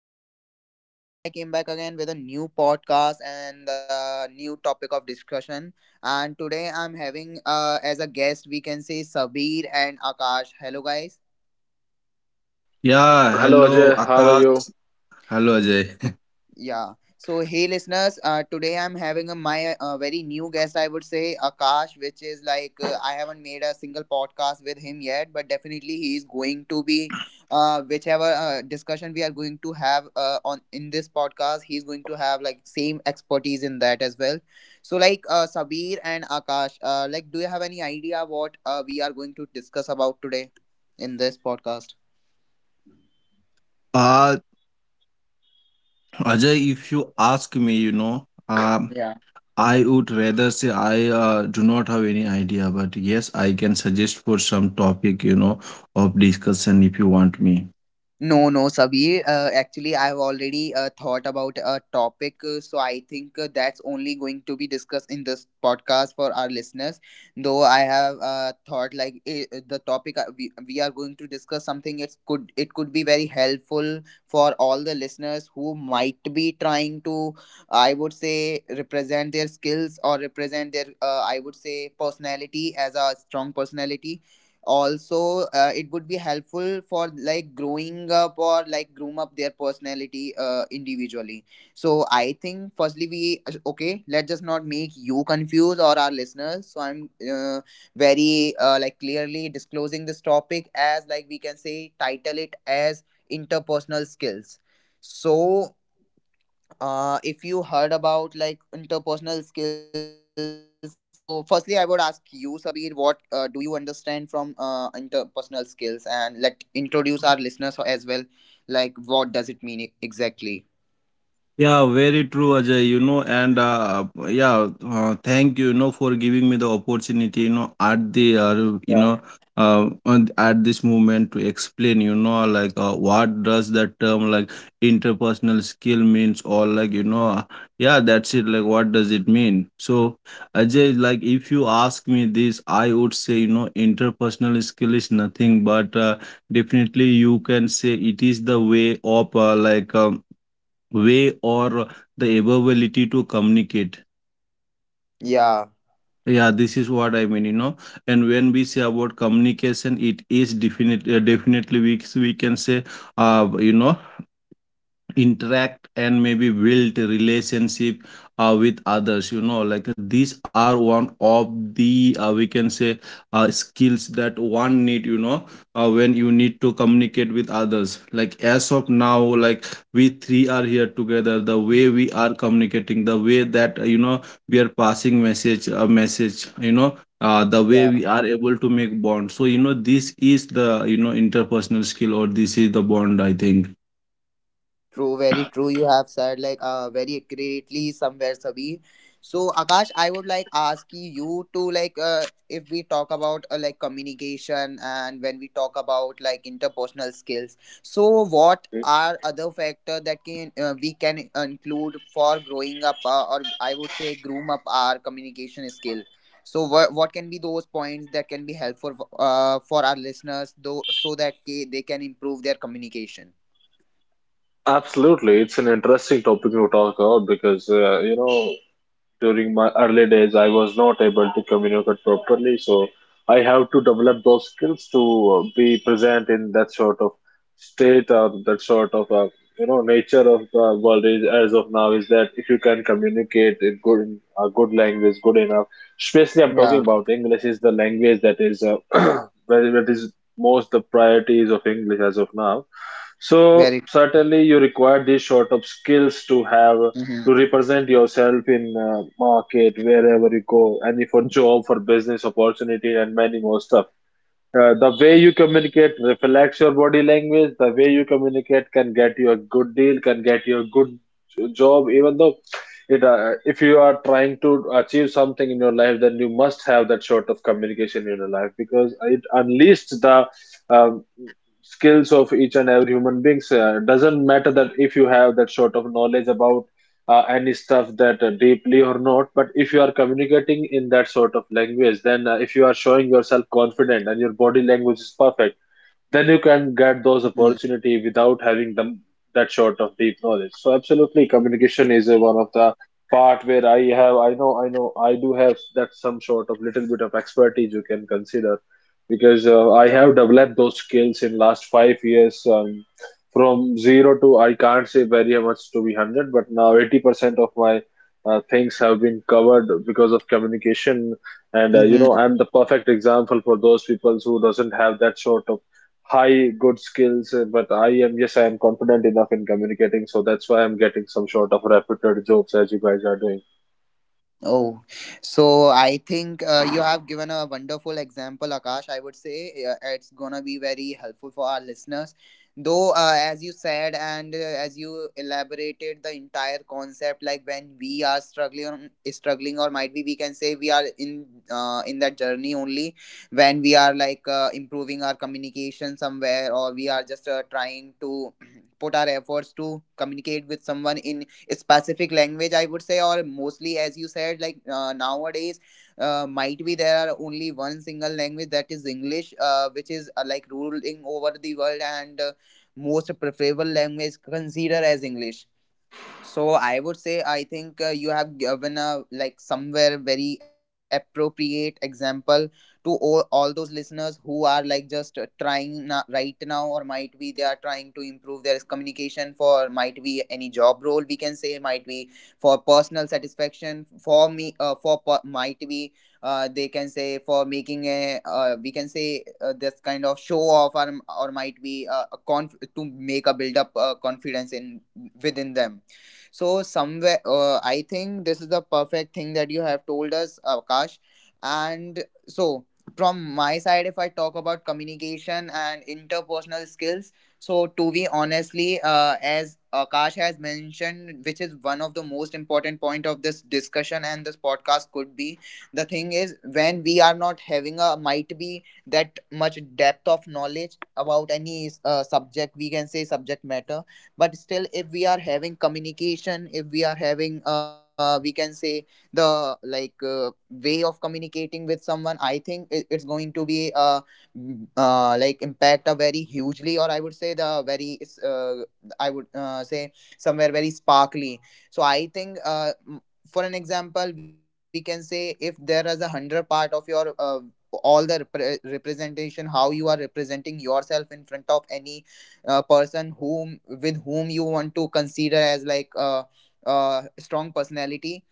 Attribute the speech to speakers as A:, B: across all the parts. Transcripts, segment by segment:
A: this side, and now I came back again with a new podcast and new topic of discussion. And today I'm having as a guest, we can say Sabir and Akash. Hello, guys.
B: Yeah,
C: Hello
B: hello
C: Ajay, how are you?
B: Akash. Hello Ajay.
A: Yeah. So, hey listeners, today I'm having my very new guest, I would say, Akash, which is like I haven't made a single podcast with him yet, but definitely he is going to be, whichever discussion we are going to have on in this podcast, he's going to have like same expertise in that as well. So, like Sabir and Akash, like, do you have any idea what we are going to discuss about today in this podcast?
B: Uh, Ajay, if you ask me, I would rather say I do not have any idea, but yes, I can suggest for some topic, of discussion if you want me.
A: No, no, Sabir. Actually, I've already thought about a topic, so I think that's only going to be discussed in this podcast for our listeners. Though I have thought like the topic we are going to discuss something. It could be very helpful for all the listeners who might be trying to, I would say, represent their skills or represent their I would say personality as a strong personality, also it would be helpful for like growing up or like groom up their personality individually. So I think firstly we okay, let's just not make you confused or our listeners, so I'm very like clearly disclosing this topic as like we can say title it as interpersonal skills. So if you heard about like interpersonal skills, so firstly I would ask you Sabir, what do you understand from interpersonal skills, and let introduce our listeners as well like what does it mean exactly.
B: Yeah, very true, Ajay. You know, and yeah, thank you, for giving me the opportunity, at the, you know, on- at this moment to explain, like what does the term like interpersonal skill means, or like, yeah, that's it. Like, what does it mean? So, Ajay, like, if you ask me this, I would say, interpersonal skill is nothing but definitely you can say it is the way of like, way or the ability to communicate.
A: Yeah.
B: Yeah, this is what I mean, you know. And when we say about communication, it is definitely we can say, uh, you know, interact and maybe build a relationship with others, you know, like these are one of the we can say skills that one need, you know, when you need to communicate with others, like as of now, like we three are here together, the way we are communicating, the way that we are passing message a message, you know, the way
A: Yeah.
B: we are able to make bond, so you know, this is the, you know, interpersonal skill or this is the bond, I think.
A: True, very true. You have said like very accurately somewhere, Sabi. So Akash, I would like ask you to like if we talk about like communication and when we talk about like interpersonal skills. So what are other factor that can we can include for growing up or I would say groom up our communication skill. So what can be those points that can be helpful for our listeners though so that they can improve their communication.
C: Absolutely, it's an interesting topic to talk about because you know, during my early days I was not able to communicate properly, so I have to develop those skills to be present in that sort of state or that sort of you know. Nature of the world is as of now is that if you can communicate in good in a good language good enough, especially I'm talking
A: Yeah,
C: about English is the language that is that is most the priorities of English as of now. So
A: very.
C: certainly you require these sort of skills to have to
A: Mm-hmm,
C: represent yourself in market wherever you go, and for job, for business opportunity and many more stuff. Uh, the way you communicate reflects your body language. The way you communicate can get you a good deal, can get you a good job. Even though it, if you are trying to achieve something in your life, then you must have that sort of communication in your life because it unleashes the um, skills of each and every human beings. Uh, doesn't matter that if you have that sort of knowledge about any stuff that deeply or not, but if you are communicating in that sort of language, then if you are showing yourself confident and your body language is perfect, then you can get those
A: mm-hmm,
C: opportunity without having them that sort of deep knowledge. So absolutely
A: yeah.
C: communication is a, one of the part where I know I do have that some sort of little bit of expertise, you can consider, because I
A: Yeah.
C: have developed those skills in last 5 years. From 0 to I can't say very much to be 100, but now 80% of my things have been covered because of communication. And you know,
A: Mm-hmm.
C: I'm the perfect example for those people who doesn't have that sort of high good skills. Uh, but I am, yes, I am confident enough in communicating, so that's why I'm getting some sort of repeated jokes as you guys are doing.
A: Oh, so I think you have given a wonderful example, Akash. I would say it's gonna be very helpful for our listeners. Though, as you said and as you elaborated the entire concept, like when we are struggling, struggling, or might be we can say we are in that journey only, when we are like improving our communication somewhere, or we are just trying to put our efforts to communicate with someone in specific language, I would say, or mostly as you said like nowadays might be there are only one single language that is English, which is like ruling over the world and most preferable language consider as English. So I would say I think you have given a like somewhere very appropriate example to all those listeners who are like just trying right now, or might be they are trying to improve their communication for might be any job role, we can say, might be for personal satisfaction for me might be they can say for making a we can say this kind of show off, or might be to make a build up confidence in within them. So somewhere, I think this is the perfect thing that you have told us, Akash. And so from my side, if I talk about communication and interpersonal skills, so to be honestly, as Akash has mentioned, which is one of the most important point of this discussion and this podcast could be, the thing is when we are not having a might be that much depth of knowledge about any subject, we can say subject matter, but still if we are having communication, if we are having we can say the like way of communicating with someone, I think it's going to be like impact a very hugely, or I would say the very I would say somewhere very sparkly. So I think for an example we can say, if there is 100 part of your all the representation, how you are representing yourself in front of any person whom with whom you want to consider as like a strong personality.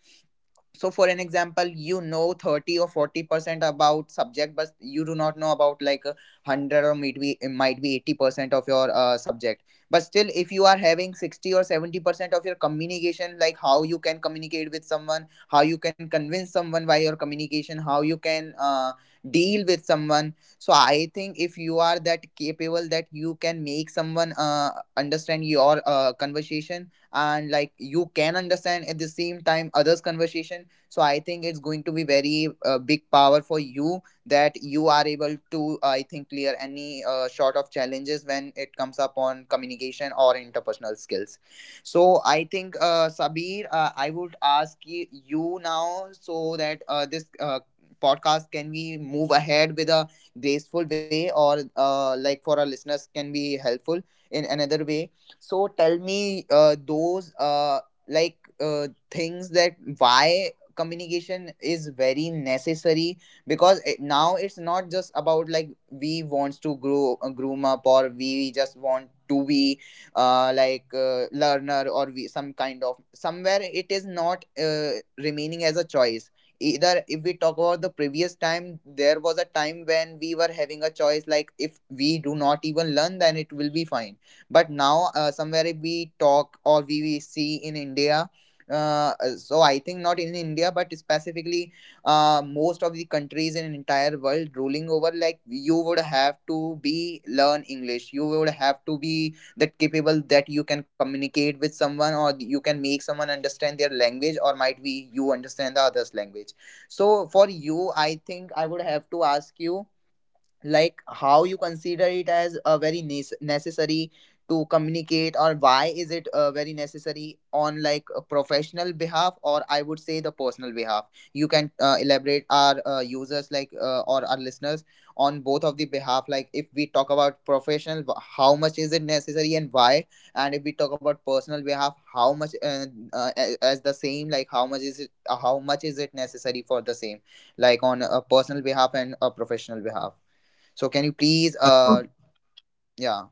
A: So for an example, you know, 30 or 40% about subject, but you do not know about like a 100, or maybe it might be 80% of your subject, but still if you are having 60 or 70% of your communication, like how you can communicate with someone, how you can convince someone by your communication, how you can deal with someone. So I think if you are that capable that you can make someone understand your conversation, and like you can understand at the same time others conversation, so I think it's going to be very big power for you that you are able to I think clear any sort of challenges when it comes up on communication or interpersonal skills. So I think, Sabir, I would ask you now so that this podcast can we move ahead with a graceful way, or like for our listeners can be helpful in another way. So tell me those like things that why communication is very necessary, because now it's not just about like we wants to grow groom up, or we just want to be like learner, or we some kind of somewhere it is not remaining as a choice. Either if we talk about the previous time, there was a time when we were having a choice, like if we do not even learn, then it will be fine. But now somewhere if we talk, or we see in India, so I think not in India, but specifically most of the countries in entire world rolling over like you would have to be learn English, you would have to be that capable that you can communicate with someone, or you can make someone understand their language, or might be you understand the other's language. So for you I think I would have to ask you like how you consider it as a very necessary to communicate, or why is it very necessary on like a professional behalf, or I would say the personal behalf. You can elaborate our users like or our listeners on both of the behalf, like if we talk about professional how much is it necessary and why, and if we talk about personal behalf, how much as the same, like how much is it necessary for the same, like on a personal behalf and a professional behalf. So can you please yeah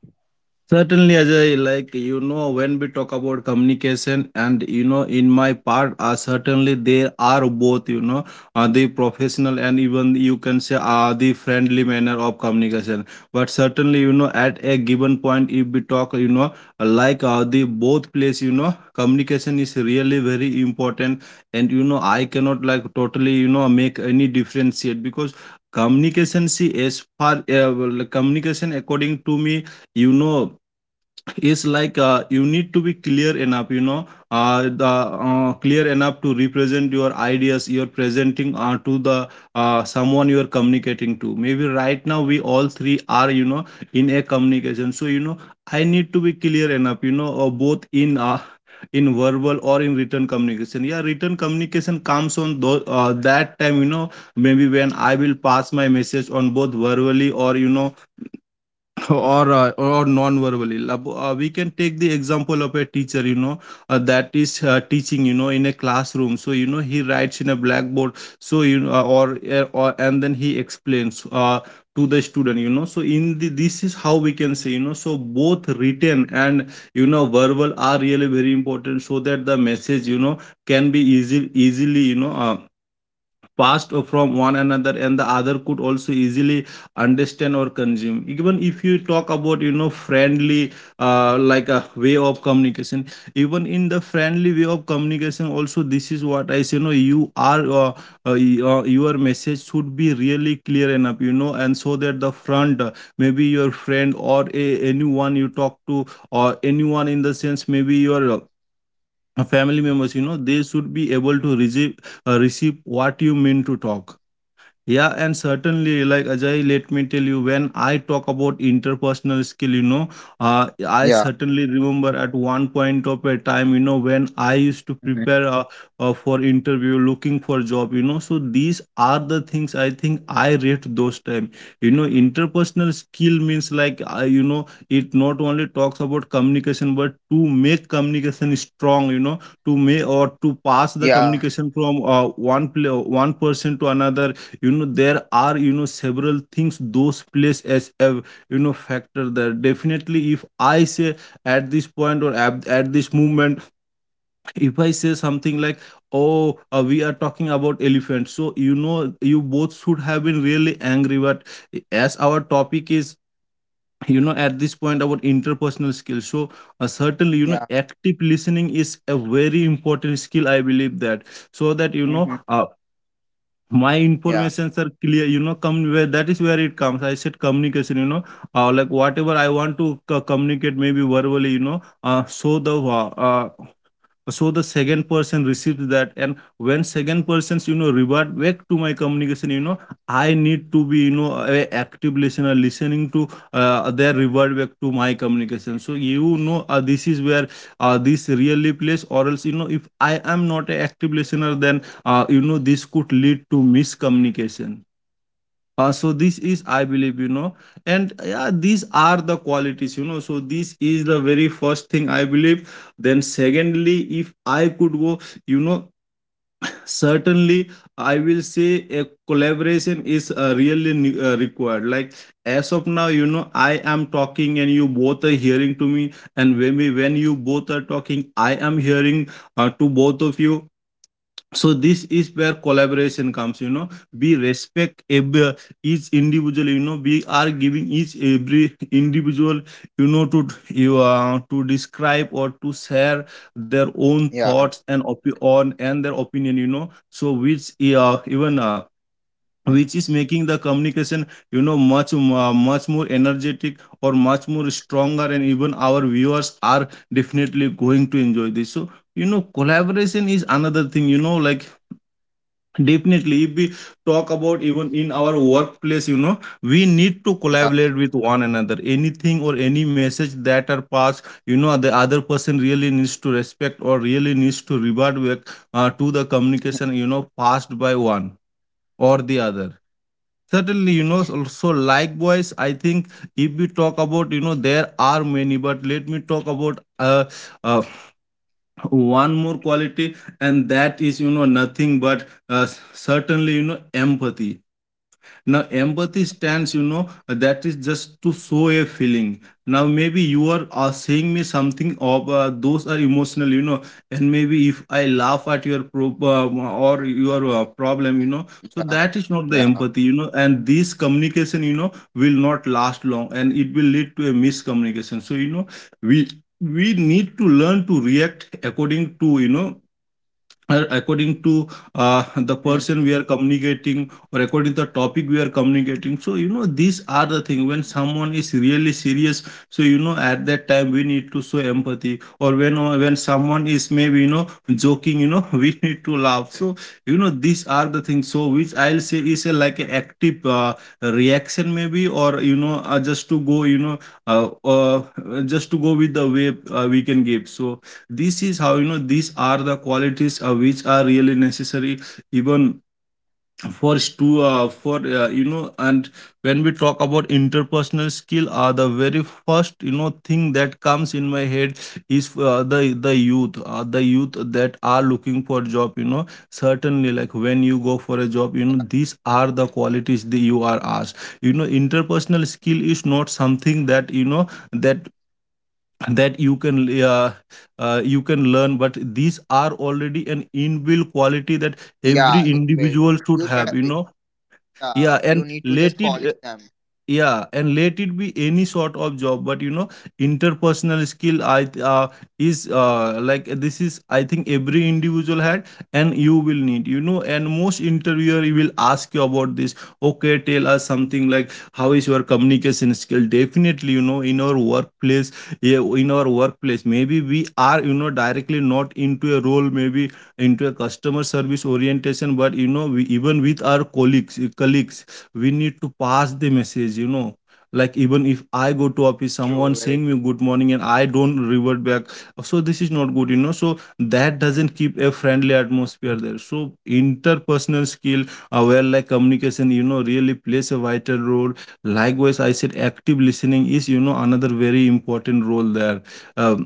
B: Certainly, Ajay, like you know, when we talk about communication, and you know, in my part, certainly there are both, you know, the professional and even you can say the friendly manner of communication. But certainly, you know, at a given point, if we talk, you know, like the both place, you know, communication is really very important, and you know, I cannot like totally, you know, make any differentiate because communication, see, as far well, communication according to me, you know, is like you need to be clear enough, you know, the clear enough to represent your ideas you're presenting to the someone you're communicating to. Maybe right now we all three are, you know, in a communication, so you know, I need to be clear enough, you know, both in verbal or in written communication. Yeah, written communication comes on that time, you know, maybe when I will pass my message on both verbally or you know or non-verbally. We can take the example of a teacher, you know, that is teaching, you know, in a classroom, so you know he writes in a blackboard, so you know or and then he explains to the student, you know, so in the, this is how we can say, you know, so both written and, you know, verbal are really very important, so that the message, you know, can be easy easily, you know, passed from one another, and the other could also easily understand or consume. Even if you talk about, you know, friendly like a way of communication, even in the friendly way of communication also, this is what I say, you know, your message should be really clear enough, you know, and so that the front maybe your friend or anyone you talk to, or anyone in the sense, maybe your family members, you know, they should be able to receive what you mean to talk. Yeah, and certainly, like Ajay, let me tell you, when I talk about interpersonal skill, you know, I
A: yeah
B: certainly remember at one point of a time, you know, when I used to
A: mhm,
B: prepare for interview, looking for job, you know. So these are the things I think I rate those time. You know, interpersonal skill means like, you know, it not only talks about communication, but to make communication strong, you know, to make or to pass the
A: yeah
B: communication from one person to another, you know. There are, you know, several things those plays as a, you know, factor there. Definitely, if I say at this point or at this moment, if I say something like, oh, we are talking about elephants, so you know you both should have been really angry, but as our topic is, you know, at this point about interpersonal skills, so certainly, you know,
A: yeah
B: active listening is a very important skill, I believe that. So that, you know,
A: hmm
B: my
A: yeah
B: informations are clear, you know, come where that is where it comes, I said communication, you know, like whatever I want to communicate, maybe verbally, you know, so the second person received that, and when second persons, you know, revert back to my communication, you know, I need to be, you know, a active listener, listening to their revert back to my communication, so you know this is where this really plays, or else, you know, if I am not an active listener, then you know, this could lead to miscommunication. So this is, I believe, you know, and yeah, these are the qualities, you know, so this is the very first thing I believe. Then secondly, if I could go, you know, certainly, I will say a collaboration is really required. Like as of now, you know, I am talking and you both are hearing to me, and when we when you both are talking, I am hearing to both of you, so this is where collaboration comes, you know. We respect every, each individual, you know, we are giving each every individual, you know, to describe or to share their own
A: yeah
B: thoughts and opi- on and their opinion, you know, so which even
A: mm,
B: which is making the communication, you know, much much more energetic or much more stronger, and even our viewers are definitely going to enjoy this. So you know, collaboration is another thing, you know, like, definitely, if we talk about even in our workplace, you know, we need to
A: yeah
B: collaborate with one another. Anything or any message that are passed, you know, the other person really needs to respect or really needs to revert back to the
A: mhm,
B: communication, you know, passed by one or the other. Certainly, you know, also likewise, I think if we talk about, you know, there are many, but let me talk about uh, one more quality, and that is, you know, nothing but certainly, you know, empathy. Now empathy stands, you know, that is just to show a feeling. Now maybe you are saying me something of those are emotional, you know, and maybe if I laugh at your pro- or your problem, you know, so
A: yeah
B: that is not the
A: yeah
B: empathy, you know, and this communication, you know, will not last long, and it will lead to a miscommunication. So you know, we we need to learn to react according to, you know, according to the
A: mm,
B: person we are communicating, or according to the topic we are communicating. So you know, these are the thing, when someone is really serious, so you know at that time we need to show empathy, or when someone is maybe, you know, joking, you know, we need to laugh. So you know, these are the things, so which I'll say is a, like a active reaction, maybe, or you know, just to go you know uh, uh, just to go with the way we can give. So this is how, you know, these are the qualities which are really necessary, even for you know, and when we talk about interpersonal skill, the very first, you know, thing that comes in my head is the youth, the youth that are looking for job, you know. Certainly, like when you go for a job, you know, these are the qualities that you are asked, you know. Interpersonal skill is not something that, you know, that that you can learn, but these are already an inbuilt quality that
A: yeah
B: every
A: inbuilt
B: individual should
A: you should
B: have, you know. Yeah,
A: yeah you
B: and
A: need to
B: let
A: just polish
B: it
A: them
B: yeah, and let it be any sort of job, but you know, interpersonal skill, is like, this is, I think, every individual had, and you will need, you know, and most interviewer will ask you about this. Okay, tell us something like, how is your communication skill? Definitely, you know, in our workplace, yeah, in our workplace, maybe we are you know directly not into a role, maybe into a customer service orientation, but you know, we even with our colleagues, colleagues we need to pass the message you know, like even if I go to
A: true
B: office
A: very.
B: someone saying me good morning and I don't revert back, so this is not good you know, so that doesn't keep a friendly atmosphere there. So interpersonal skill, where like communication you know really plays a vital role. Likewise I said active listening is you know another very important role there. um,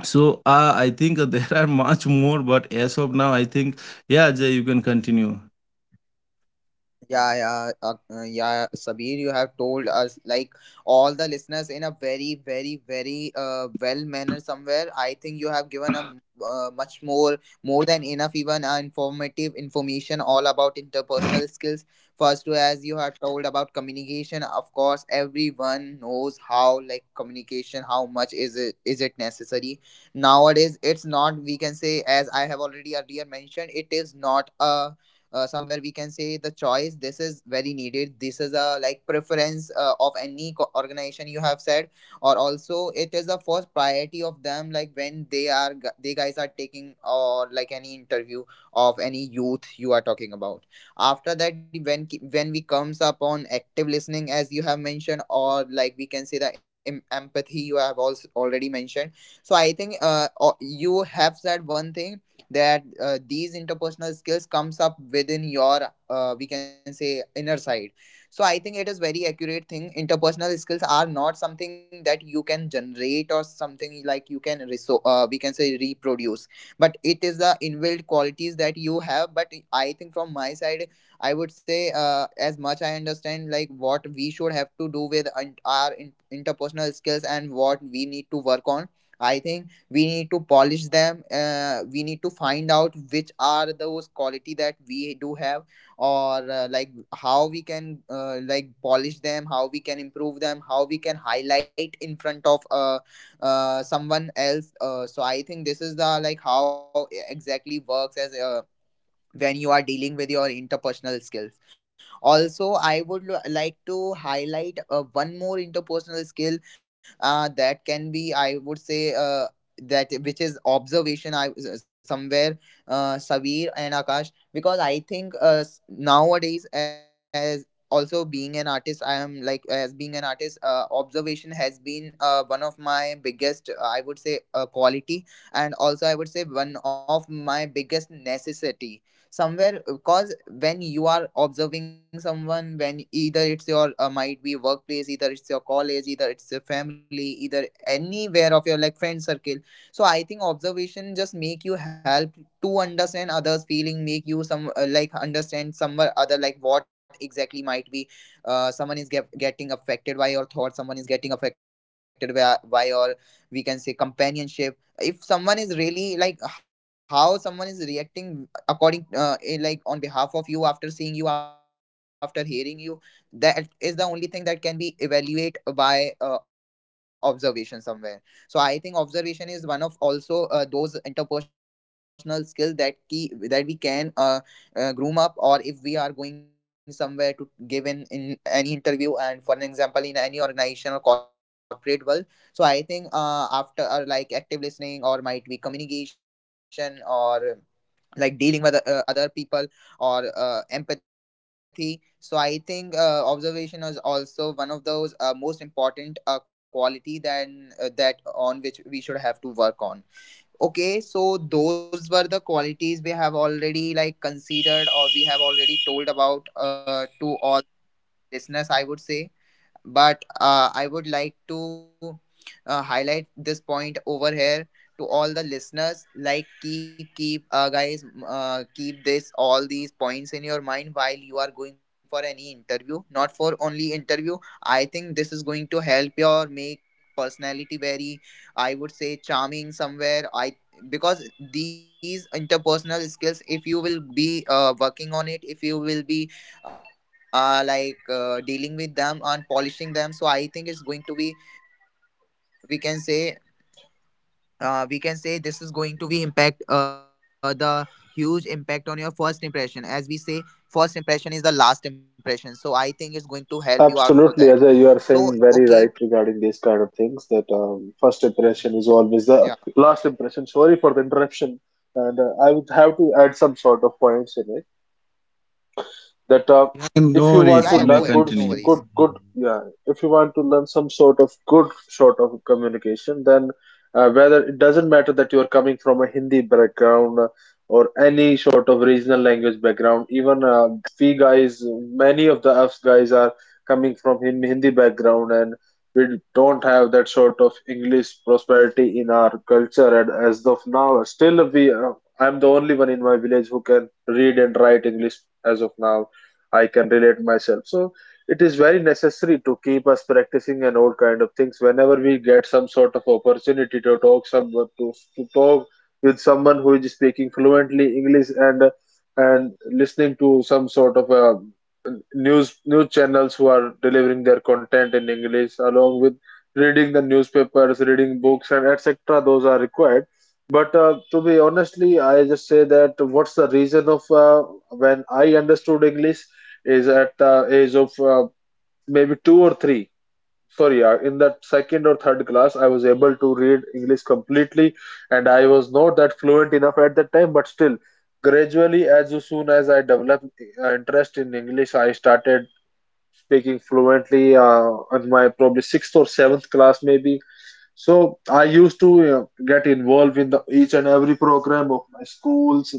B: so uh, I think there are much more, but as of now I think yeah, Jay, you can continue.
A: Yeah, yeah, yeah, Sabir, you have told us like all the listeners in a very, very, very well manner somewhere. I think you have given a much more, more than enough, even informative information all about interpersonal skills. First, as you have told about communication, of course, everyone knows how like communication, how much is it necessary nowadays? It's not. We can say, as I have already earlier mentioned, it is not a somewhere we can say the choice, this is very needed, this is a like preference of any organization you have said, or also it is the first priority of them like when they are they guys are taking or like any interview of any youth you are talking about. After that, when when we comes upon active listening as you have mentioned, or like we can say the empathy you have also already mentioned. So I think you have said one thing that these interpersonal skills comes up within your we can say inner side. So I think it is very accurate thing, interpersonal skills are not something that you can generate or something like you can we can say reproduce, but it is the inbuilt qualities that you have. But I think from my side, I would say as much I understand like what we should have to do with our interpersonal skills and what we need to work on. I think we need to polish them, we need to find out which are those quality that we do have, or like how we can like polish them, how we can improve them, how we can highlight in front of someone else. So I think this is the like how exactly works as when you are dealing with your interpersonal skills. Also, I would like to highlight one more interpersonal skill that can be, I would say, that which is observation. I somewhere Savir and Akash, because I think nowadays, as also being an artist, I am like, as being an artist, observation has been one of my biggest, I would say, quality, and also I would say one of my biggest necessity somewhere. Because when you are observing someone, when either it's your might be workplace, either it's your college, either it's your family, either anywhere of your like friend circle, so I think observation just make you help to understand others feeling, make you some like understand somewhere other like what exactly might be someone is getting affected by your thoughts, someone is getting affected by your, we can say, companionship. If someone is really like how someone is reacting according like on behalf of you after seeing you, after hearing you, that is the only thing that can be evaluate by observation somewhere. So I think observation is one of also those interpersonal skills that key that we can groom up, or if we are going somewhere to give in any interview, and for an example, in any organization or corporate world. So I think after like active listening, or might be communication, or like dealing with other people, or empathy, so I think observation is also one of those most important quality than that on which we should have to work on. Okay, so those were the qualities we have already like considered, or we have already told about to all listeners, I would say. But I would like to highlight this point over here to all the listeners. Like, guys, keep this, all these points in your mind while you are going for any interview. Not for only interview. I think this is going to help your make personality very, I would say, charming somewhere. I because these interpersonal skills, if you will be working on it, if you will be like dealing with them and polishing them, so I think it's going to be, we can say, we can say this is going to be impact the huge impact on your first impression, as we say first impression is the last impression, so I think it's going to help you out for that.
C: Absolutely, as you are
A: So.
C: saying, very
A: Okay.
C: right regarding these kind of things that first impression is always the
A: Yeah,
C: last impression. Sorry for the interruption. And I would have to add some sort of points in it that
B: Yeah,
A: yeah, yeah,
B: no
C: if you
A: sure, go
C: want
B: worries,
C: to
B: you
A: ahead,
B: may
A: no
C: learn good,
A: worries.
B: continue.
C: good, good. Yeah, if you want to learn some sort of good sort of communication, then whether it doesn't matter that you are coming from a Hindi background, or any sort of regional language background. Even we guys, many of the us guys are coming from Hindi background, and we don't have that sort of English prosperity in our culture. And as of now, still we I'm the only one in my village who can read and write English. As of now, I can relate myself. So it is very necessary to keep us practicing and all kind of things whenever we get some sort of opportunity to talk someone to talk with someone who is speaking fluently English, and listening to some sort of a news channels who are delivering their content in English, along with reading the newspapers, reading books, and etc. Those are required. But to be honestly, I just say that what's the reason of when I understood English is at the age of maybe two or three. Sorry, in that second or third class, I was able to read English completely, and I was not that fluent enough at that time. But still, gradually, as soon as I developed interest in English, I started speaking fluently in my probably sixth or seventh class maybe. So I used to, you know, get involved in the each and every program of my schools,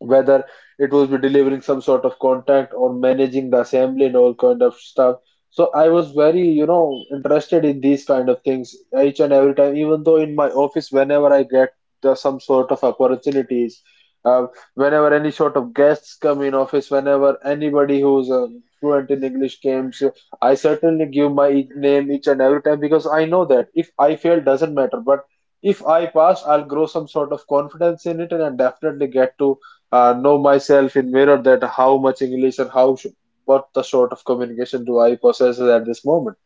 C: whether it was be delivering some sort of contact or managing the assembly and all kind of stuff. So I was very, you know, interested in these kind of things each and every time. Even though in my office, whenever I get some sort of opportunities, uh, whenever any sort of guests come in office, whenever anybody who's fluent in English comes, I certainly give my name each and every time, because I know that if I fail, doesn't matter, but if I pass, I'll grow some sort of confidence in it, and I definitely get to know myself in mirror that how much English and how what the sort of communication do I possess at this moment.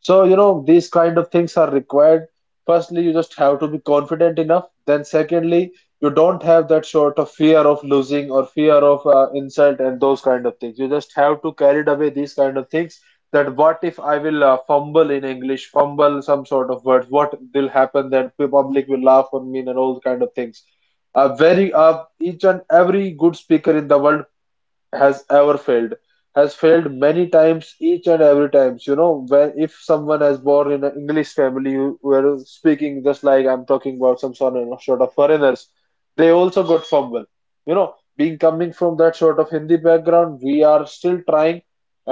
C: So, you know, these kind of things are required. Firstly, you just have to be confident enough. Then, secondly, you don't have that sort of fear of losing or fear of insult and those kind of things. You just have to carry away these kind of things. That what if I will fumble in English, fumble some sort of words? What will happen that the public will laugh on me and all kind of things. Very each and every good speaker in the world has ever failed has failed many times each and every times, you know. When if someone has born in an English family who are speaking, just like I'm talking about some sort of foreigners, they also got fumble, you know. Being coming from that sort of Hindi background, we are still trying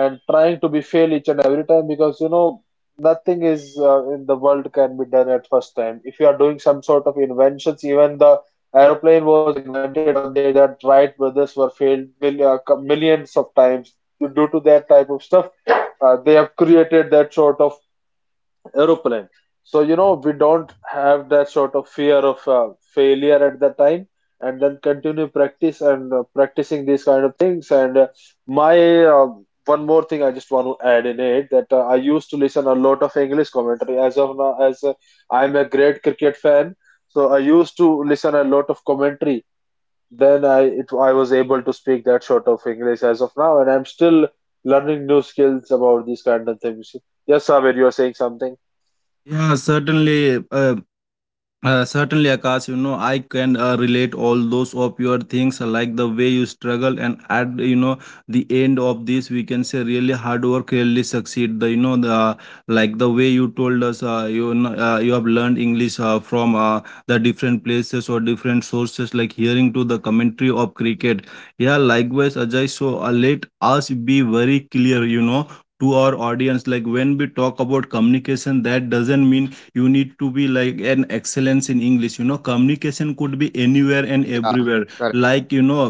C: and trying to be fail each and every time, because you know nothing is in the world can be done at first time. If you are doing some sort of inventions, even the aeroplane was invented when day that Wright brothers were failed millions of times. Due to that type of stuff, they have created that sort of aeroplane. So you know we don't have that sort of fear of failure at the time, and then continue practice and practicing these kind of things. And my one more thing I just want to add in it that I used to listen a lot of English commentary. As of now, as I'm a great cricket fan, so I used to listen a lot of commentary. Then I was able to speak that sort of English as of now, and I'm still learning new skills about these kind of things. Yes, Sabir, you are saying something.
B: Yeah, certainly, certainly, Akash. You know, I can relate all those of your things, like the way you struggle, and at you know the end of this, we can say really hard work really succeed. The you know the Like the way you told us, you know, you have learned English from the different places or different sources, like hearing to the commentary of cricket. Yeah, likewise, Ajay. So let us be very clear. You know. To our audience, like when we talk about communication, that doesn't mean you need to be like an excellence in English. You know, communication could be
A: Yeah.
B: anywhere and
A: Correct.
B: everywhere, like you know,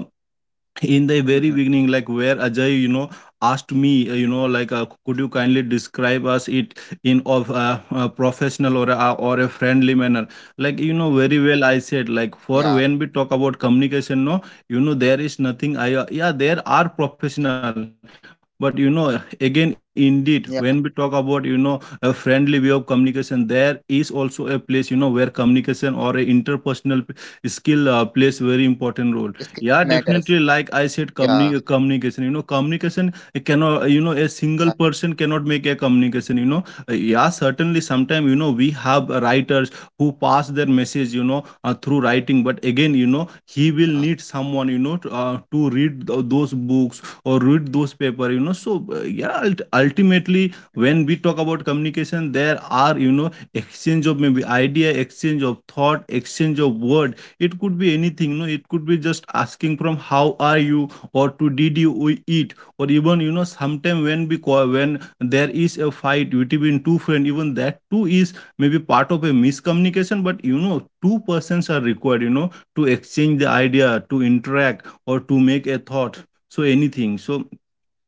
A: Mhm.
B: in the very beginning like where Ajay you know asked me you know, like could you kindly describe us it in of professional or a friendly manner. Like you know very well I said
A: Yeah,
B: like for when we talk about communication, no, you know, there is nothing I yeah, there are professional, but you know again indeed when we
A: yeah.
B: talk about you know a friendly way of communication, there is also a place you know where communication or a interpersonal skill plays very important role.
A: Skills
B: Yeah, definitely.
A: matters.
B: Like I said,
A: Yeah.
B: communication. You know, communication it cannot. You know, a single person cannot make a communication. You know, uh, yeah, certainly. Sometimes you know we have writers who pass their message. You know, through writing. But again, you know,
A: Yeah.
B: he will need someone. You know, to read those books or read those paper. You know, so yeah. Ultimately, when we talk about communication, there are you know exchange of maybe idea, exchange of thought, exchange of word. It could be anything, no, it could be just asking from how are you or to did you we eat, or even you know sometime when, because when there is a fight between two friend, even that too is maybe part of a miscommunication. But you know two persons are required you know to exchange the idea, to interact, or to make a thought, so anything. So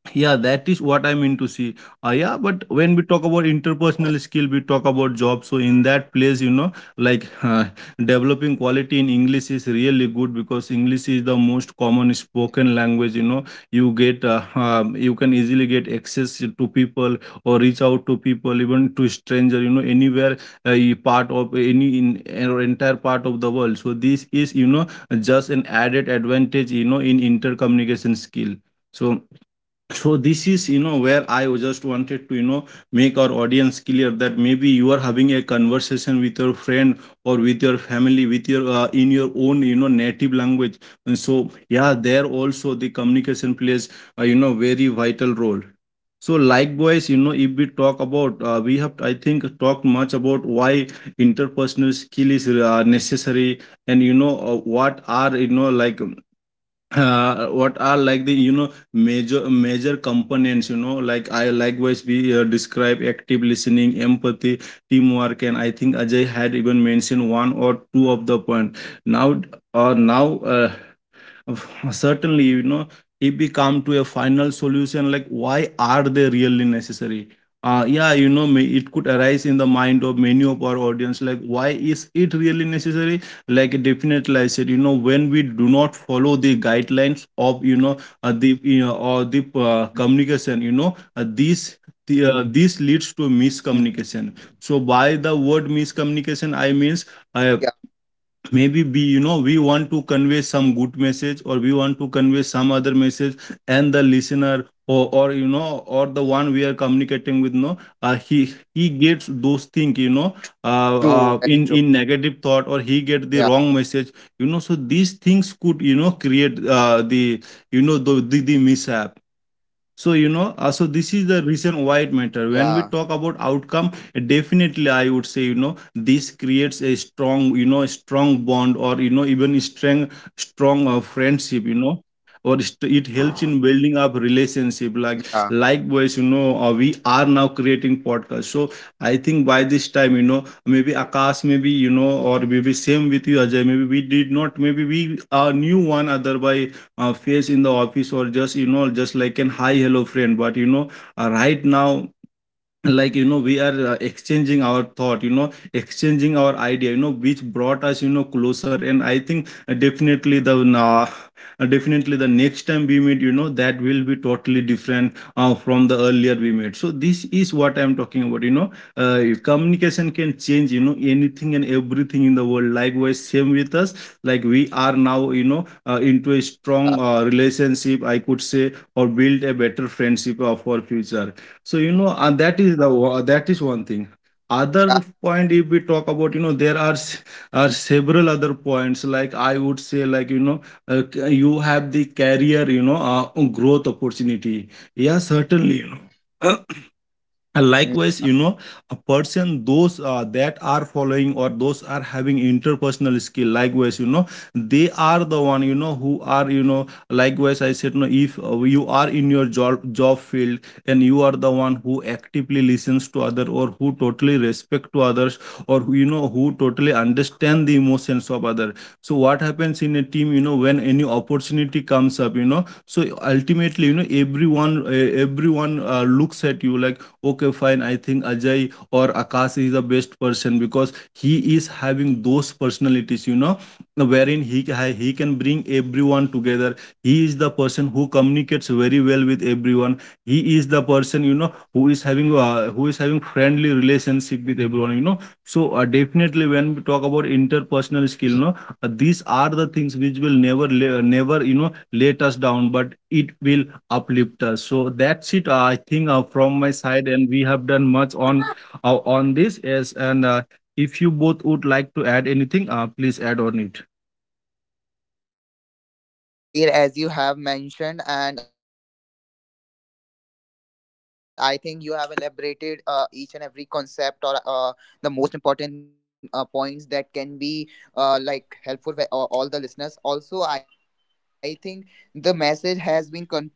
B: yeah, that is what I mean to see. Yeah, but when we talk about interpersonal skill, we talk about job. So in that place, you know, like developing quality in English is really good because English is
A: Yeah.
B: the most common spoken language. You know, you get you can easily get access to people or reach out to people, even to stranger. You know, anywhere part of any in or entire part of the world. So this is you know just an added advantage. You know, in intercommunication skill. So so this is you know where I was just wanted to you know make our audience clear that maybe you are having a conversation with your friend or with your family, with your in your own you know native language, and so yeah, there also the communication plays you know very vital role. So likewise you know if we talk about we have I think talked much about why interpersonal skill is necessary, and you know what are you know like what are like the you know major components you know like I, likewise we describe active listening, empathy, teamwork, and I think Ajay had even mentioned one or two of the point. Now or now certainly you know if we come to a final solution, like why are they really necessary. Uh, yeah, you know, it could arise in the mind of many of our audience like why is it really necessary. Like definitely I said you know when we do not follow the guidelines of you know the you know or the communication, you know, these
A: Mm.
B: this leads to miscommunication. So by the word
A: Yeah.
B: miscommunication I means uh, maybe we, you know, we want to convey some good message or we want to convey some other message, and the listener or you know, or the one we are communicating with, no he
A: True,
B: gets
A: very true.
B: those things, you know,
A: Yeah.
B: in negative thought or he get the wrong message. You know, so these things could you know create the you know the mishap. So, you know,
A: Yeah,
B: so this is the reason why it matter. When we talk about outcome, definitely I would say, you know, this creates a strong, you know, strong bond, or, you know, even a strong, strong friendship, you know, it helps
A: yeah,
B: in building up relationship. Like, likewise, you know, we are now creating podcast. So I think by this time, you know, maybe Akash, maybe, you know, or maybe same with you, Ajay, maybe we did not, maybe we knew one other by face in the office, or just you know just like an hi hello friend. But you know right now, like you know we are exchanging our thought, you know, exchanging our idea, you know, which brought us you know closer. And I think definitely the next time we meet you know that will be totally different from the earlier we met. So this is what I'm talking about, you know, communication can change you know anything and everything in the world. Likewise same with us. Like
A: yeah,
B: we are now you know into a strong relationship I could say, or build a better friendship of our future. So you know, that
A: yeah,
B: is the that is one thing. Other point, if we talk about, you know, there are are several other points. Like I would say, like you know, you have the career, you know, growth opportunity. Yeah,
A: yeah,
B: certainly, you know. And likewise, you know, a person those that are following or those are having interpersonal skill. Likewise, you know, they are the one you know who are you know. Likewise, I said no. If you are in your job field, and you are the one who actively listens to other, or who totally respect to others, or who, you know, who totally understand the emotions of other. So what happens in a team? You know, when any opportunity comes up, you know, so ultimately, you know, everyone looks at you like okay, fine, I think Ajay or Akash is the best person because he is having those personalities, you know, wherein he can bring everyone together. He is the person who communicates very well with everyone. He is the person you know who is having friendly relationship with everyone, you know. So definitely when we talk about interpersonal skill, no these are the things which will never you know let us down, but it will uplift us. So that's it. Uh, I think from my side, and we have done much on this. Yes, and if you both would like to add anything, please add on it.
A: yeah. sure, Sabir, as you have mentioned, and I think you have elaborated each and every concept, or the most important points that can be like helpful for all the listeners. Also, I think the message has been conveyed by the Akash and you,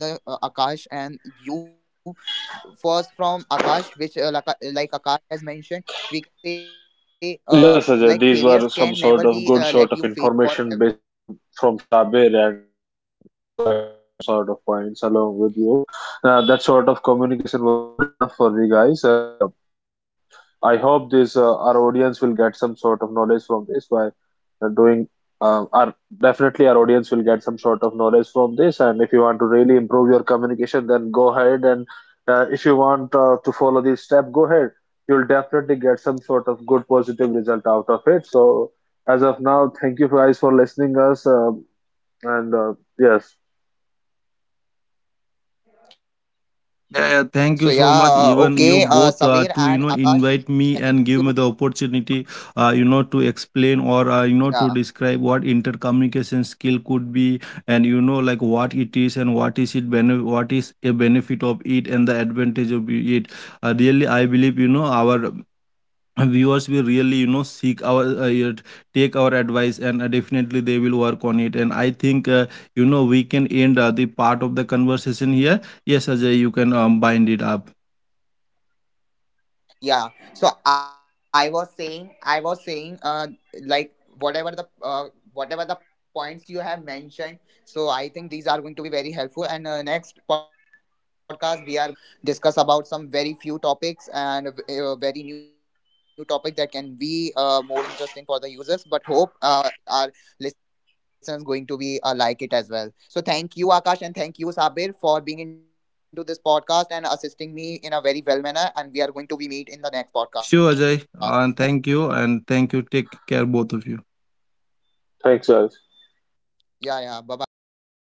A: first from Akash, which like Akash has mentioned, we can say like failures can never be let you
C: Yes,
A: fail
C: Ajay, these
A: forever.
C: were some sort of good sort of information based from Shabir, and I also added some sort of points along with you. That sort of communication was good enough for the guys, and I hope this our audience will get some sort of knowledge from this. By doing
A: Yeah.
C: our Definitely our audience will get some sort of knowledge from this, and if you want to really improve your communication, then go ahead. And if you want to follow this step, go ahead. You'll definitely get some sort of good positive result out of it. So as of now, thank you guys for listening us. And Yes,
A: So yeah, okay, Saveer
B: Yeah,
A: and
B: yeah, thank
A: Akash,
B: you so much.
A: thank
B: Even you
A: you.
B: both to you know invite me and give me the opportunity,
A: Yeah.
B: you know, to explain, or you know, to describe what intercommunication skill could be, and you know like what it is, and what is it what is a benefit of it and the advantage of it. Really, I believe you know our viewers will really you know seek our yet take our advice, and definitely they will work on it. And I think you know we can end the part of the conversation here. Yes, Ajay, you can bind it up.
A: Yeah. So I was saying, like whatever the uh, whatever the points you have mentioned. So I think these are going to be very helpful. And next podcast we are going to discuss about some very few topics and a very new topic that can be more interesting for the users. But hope our listeners going to be like it as well. So thank you, Akash, and thank you, Sabir, for being into this podcast and assisting me in a very well manner. And we are going to be meet in the next podcast. Thank you, guys.
B: Sure, Ajay, and thank you, and thank you, take care both of you.
A: Yeah, yeah. Bye
C: thanks
A: bye.
C: guys.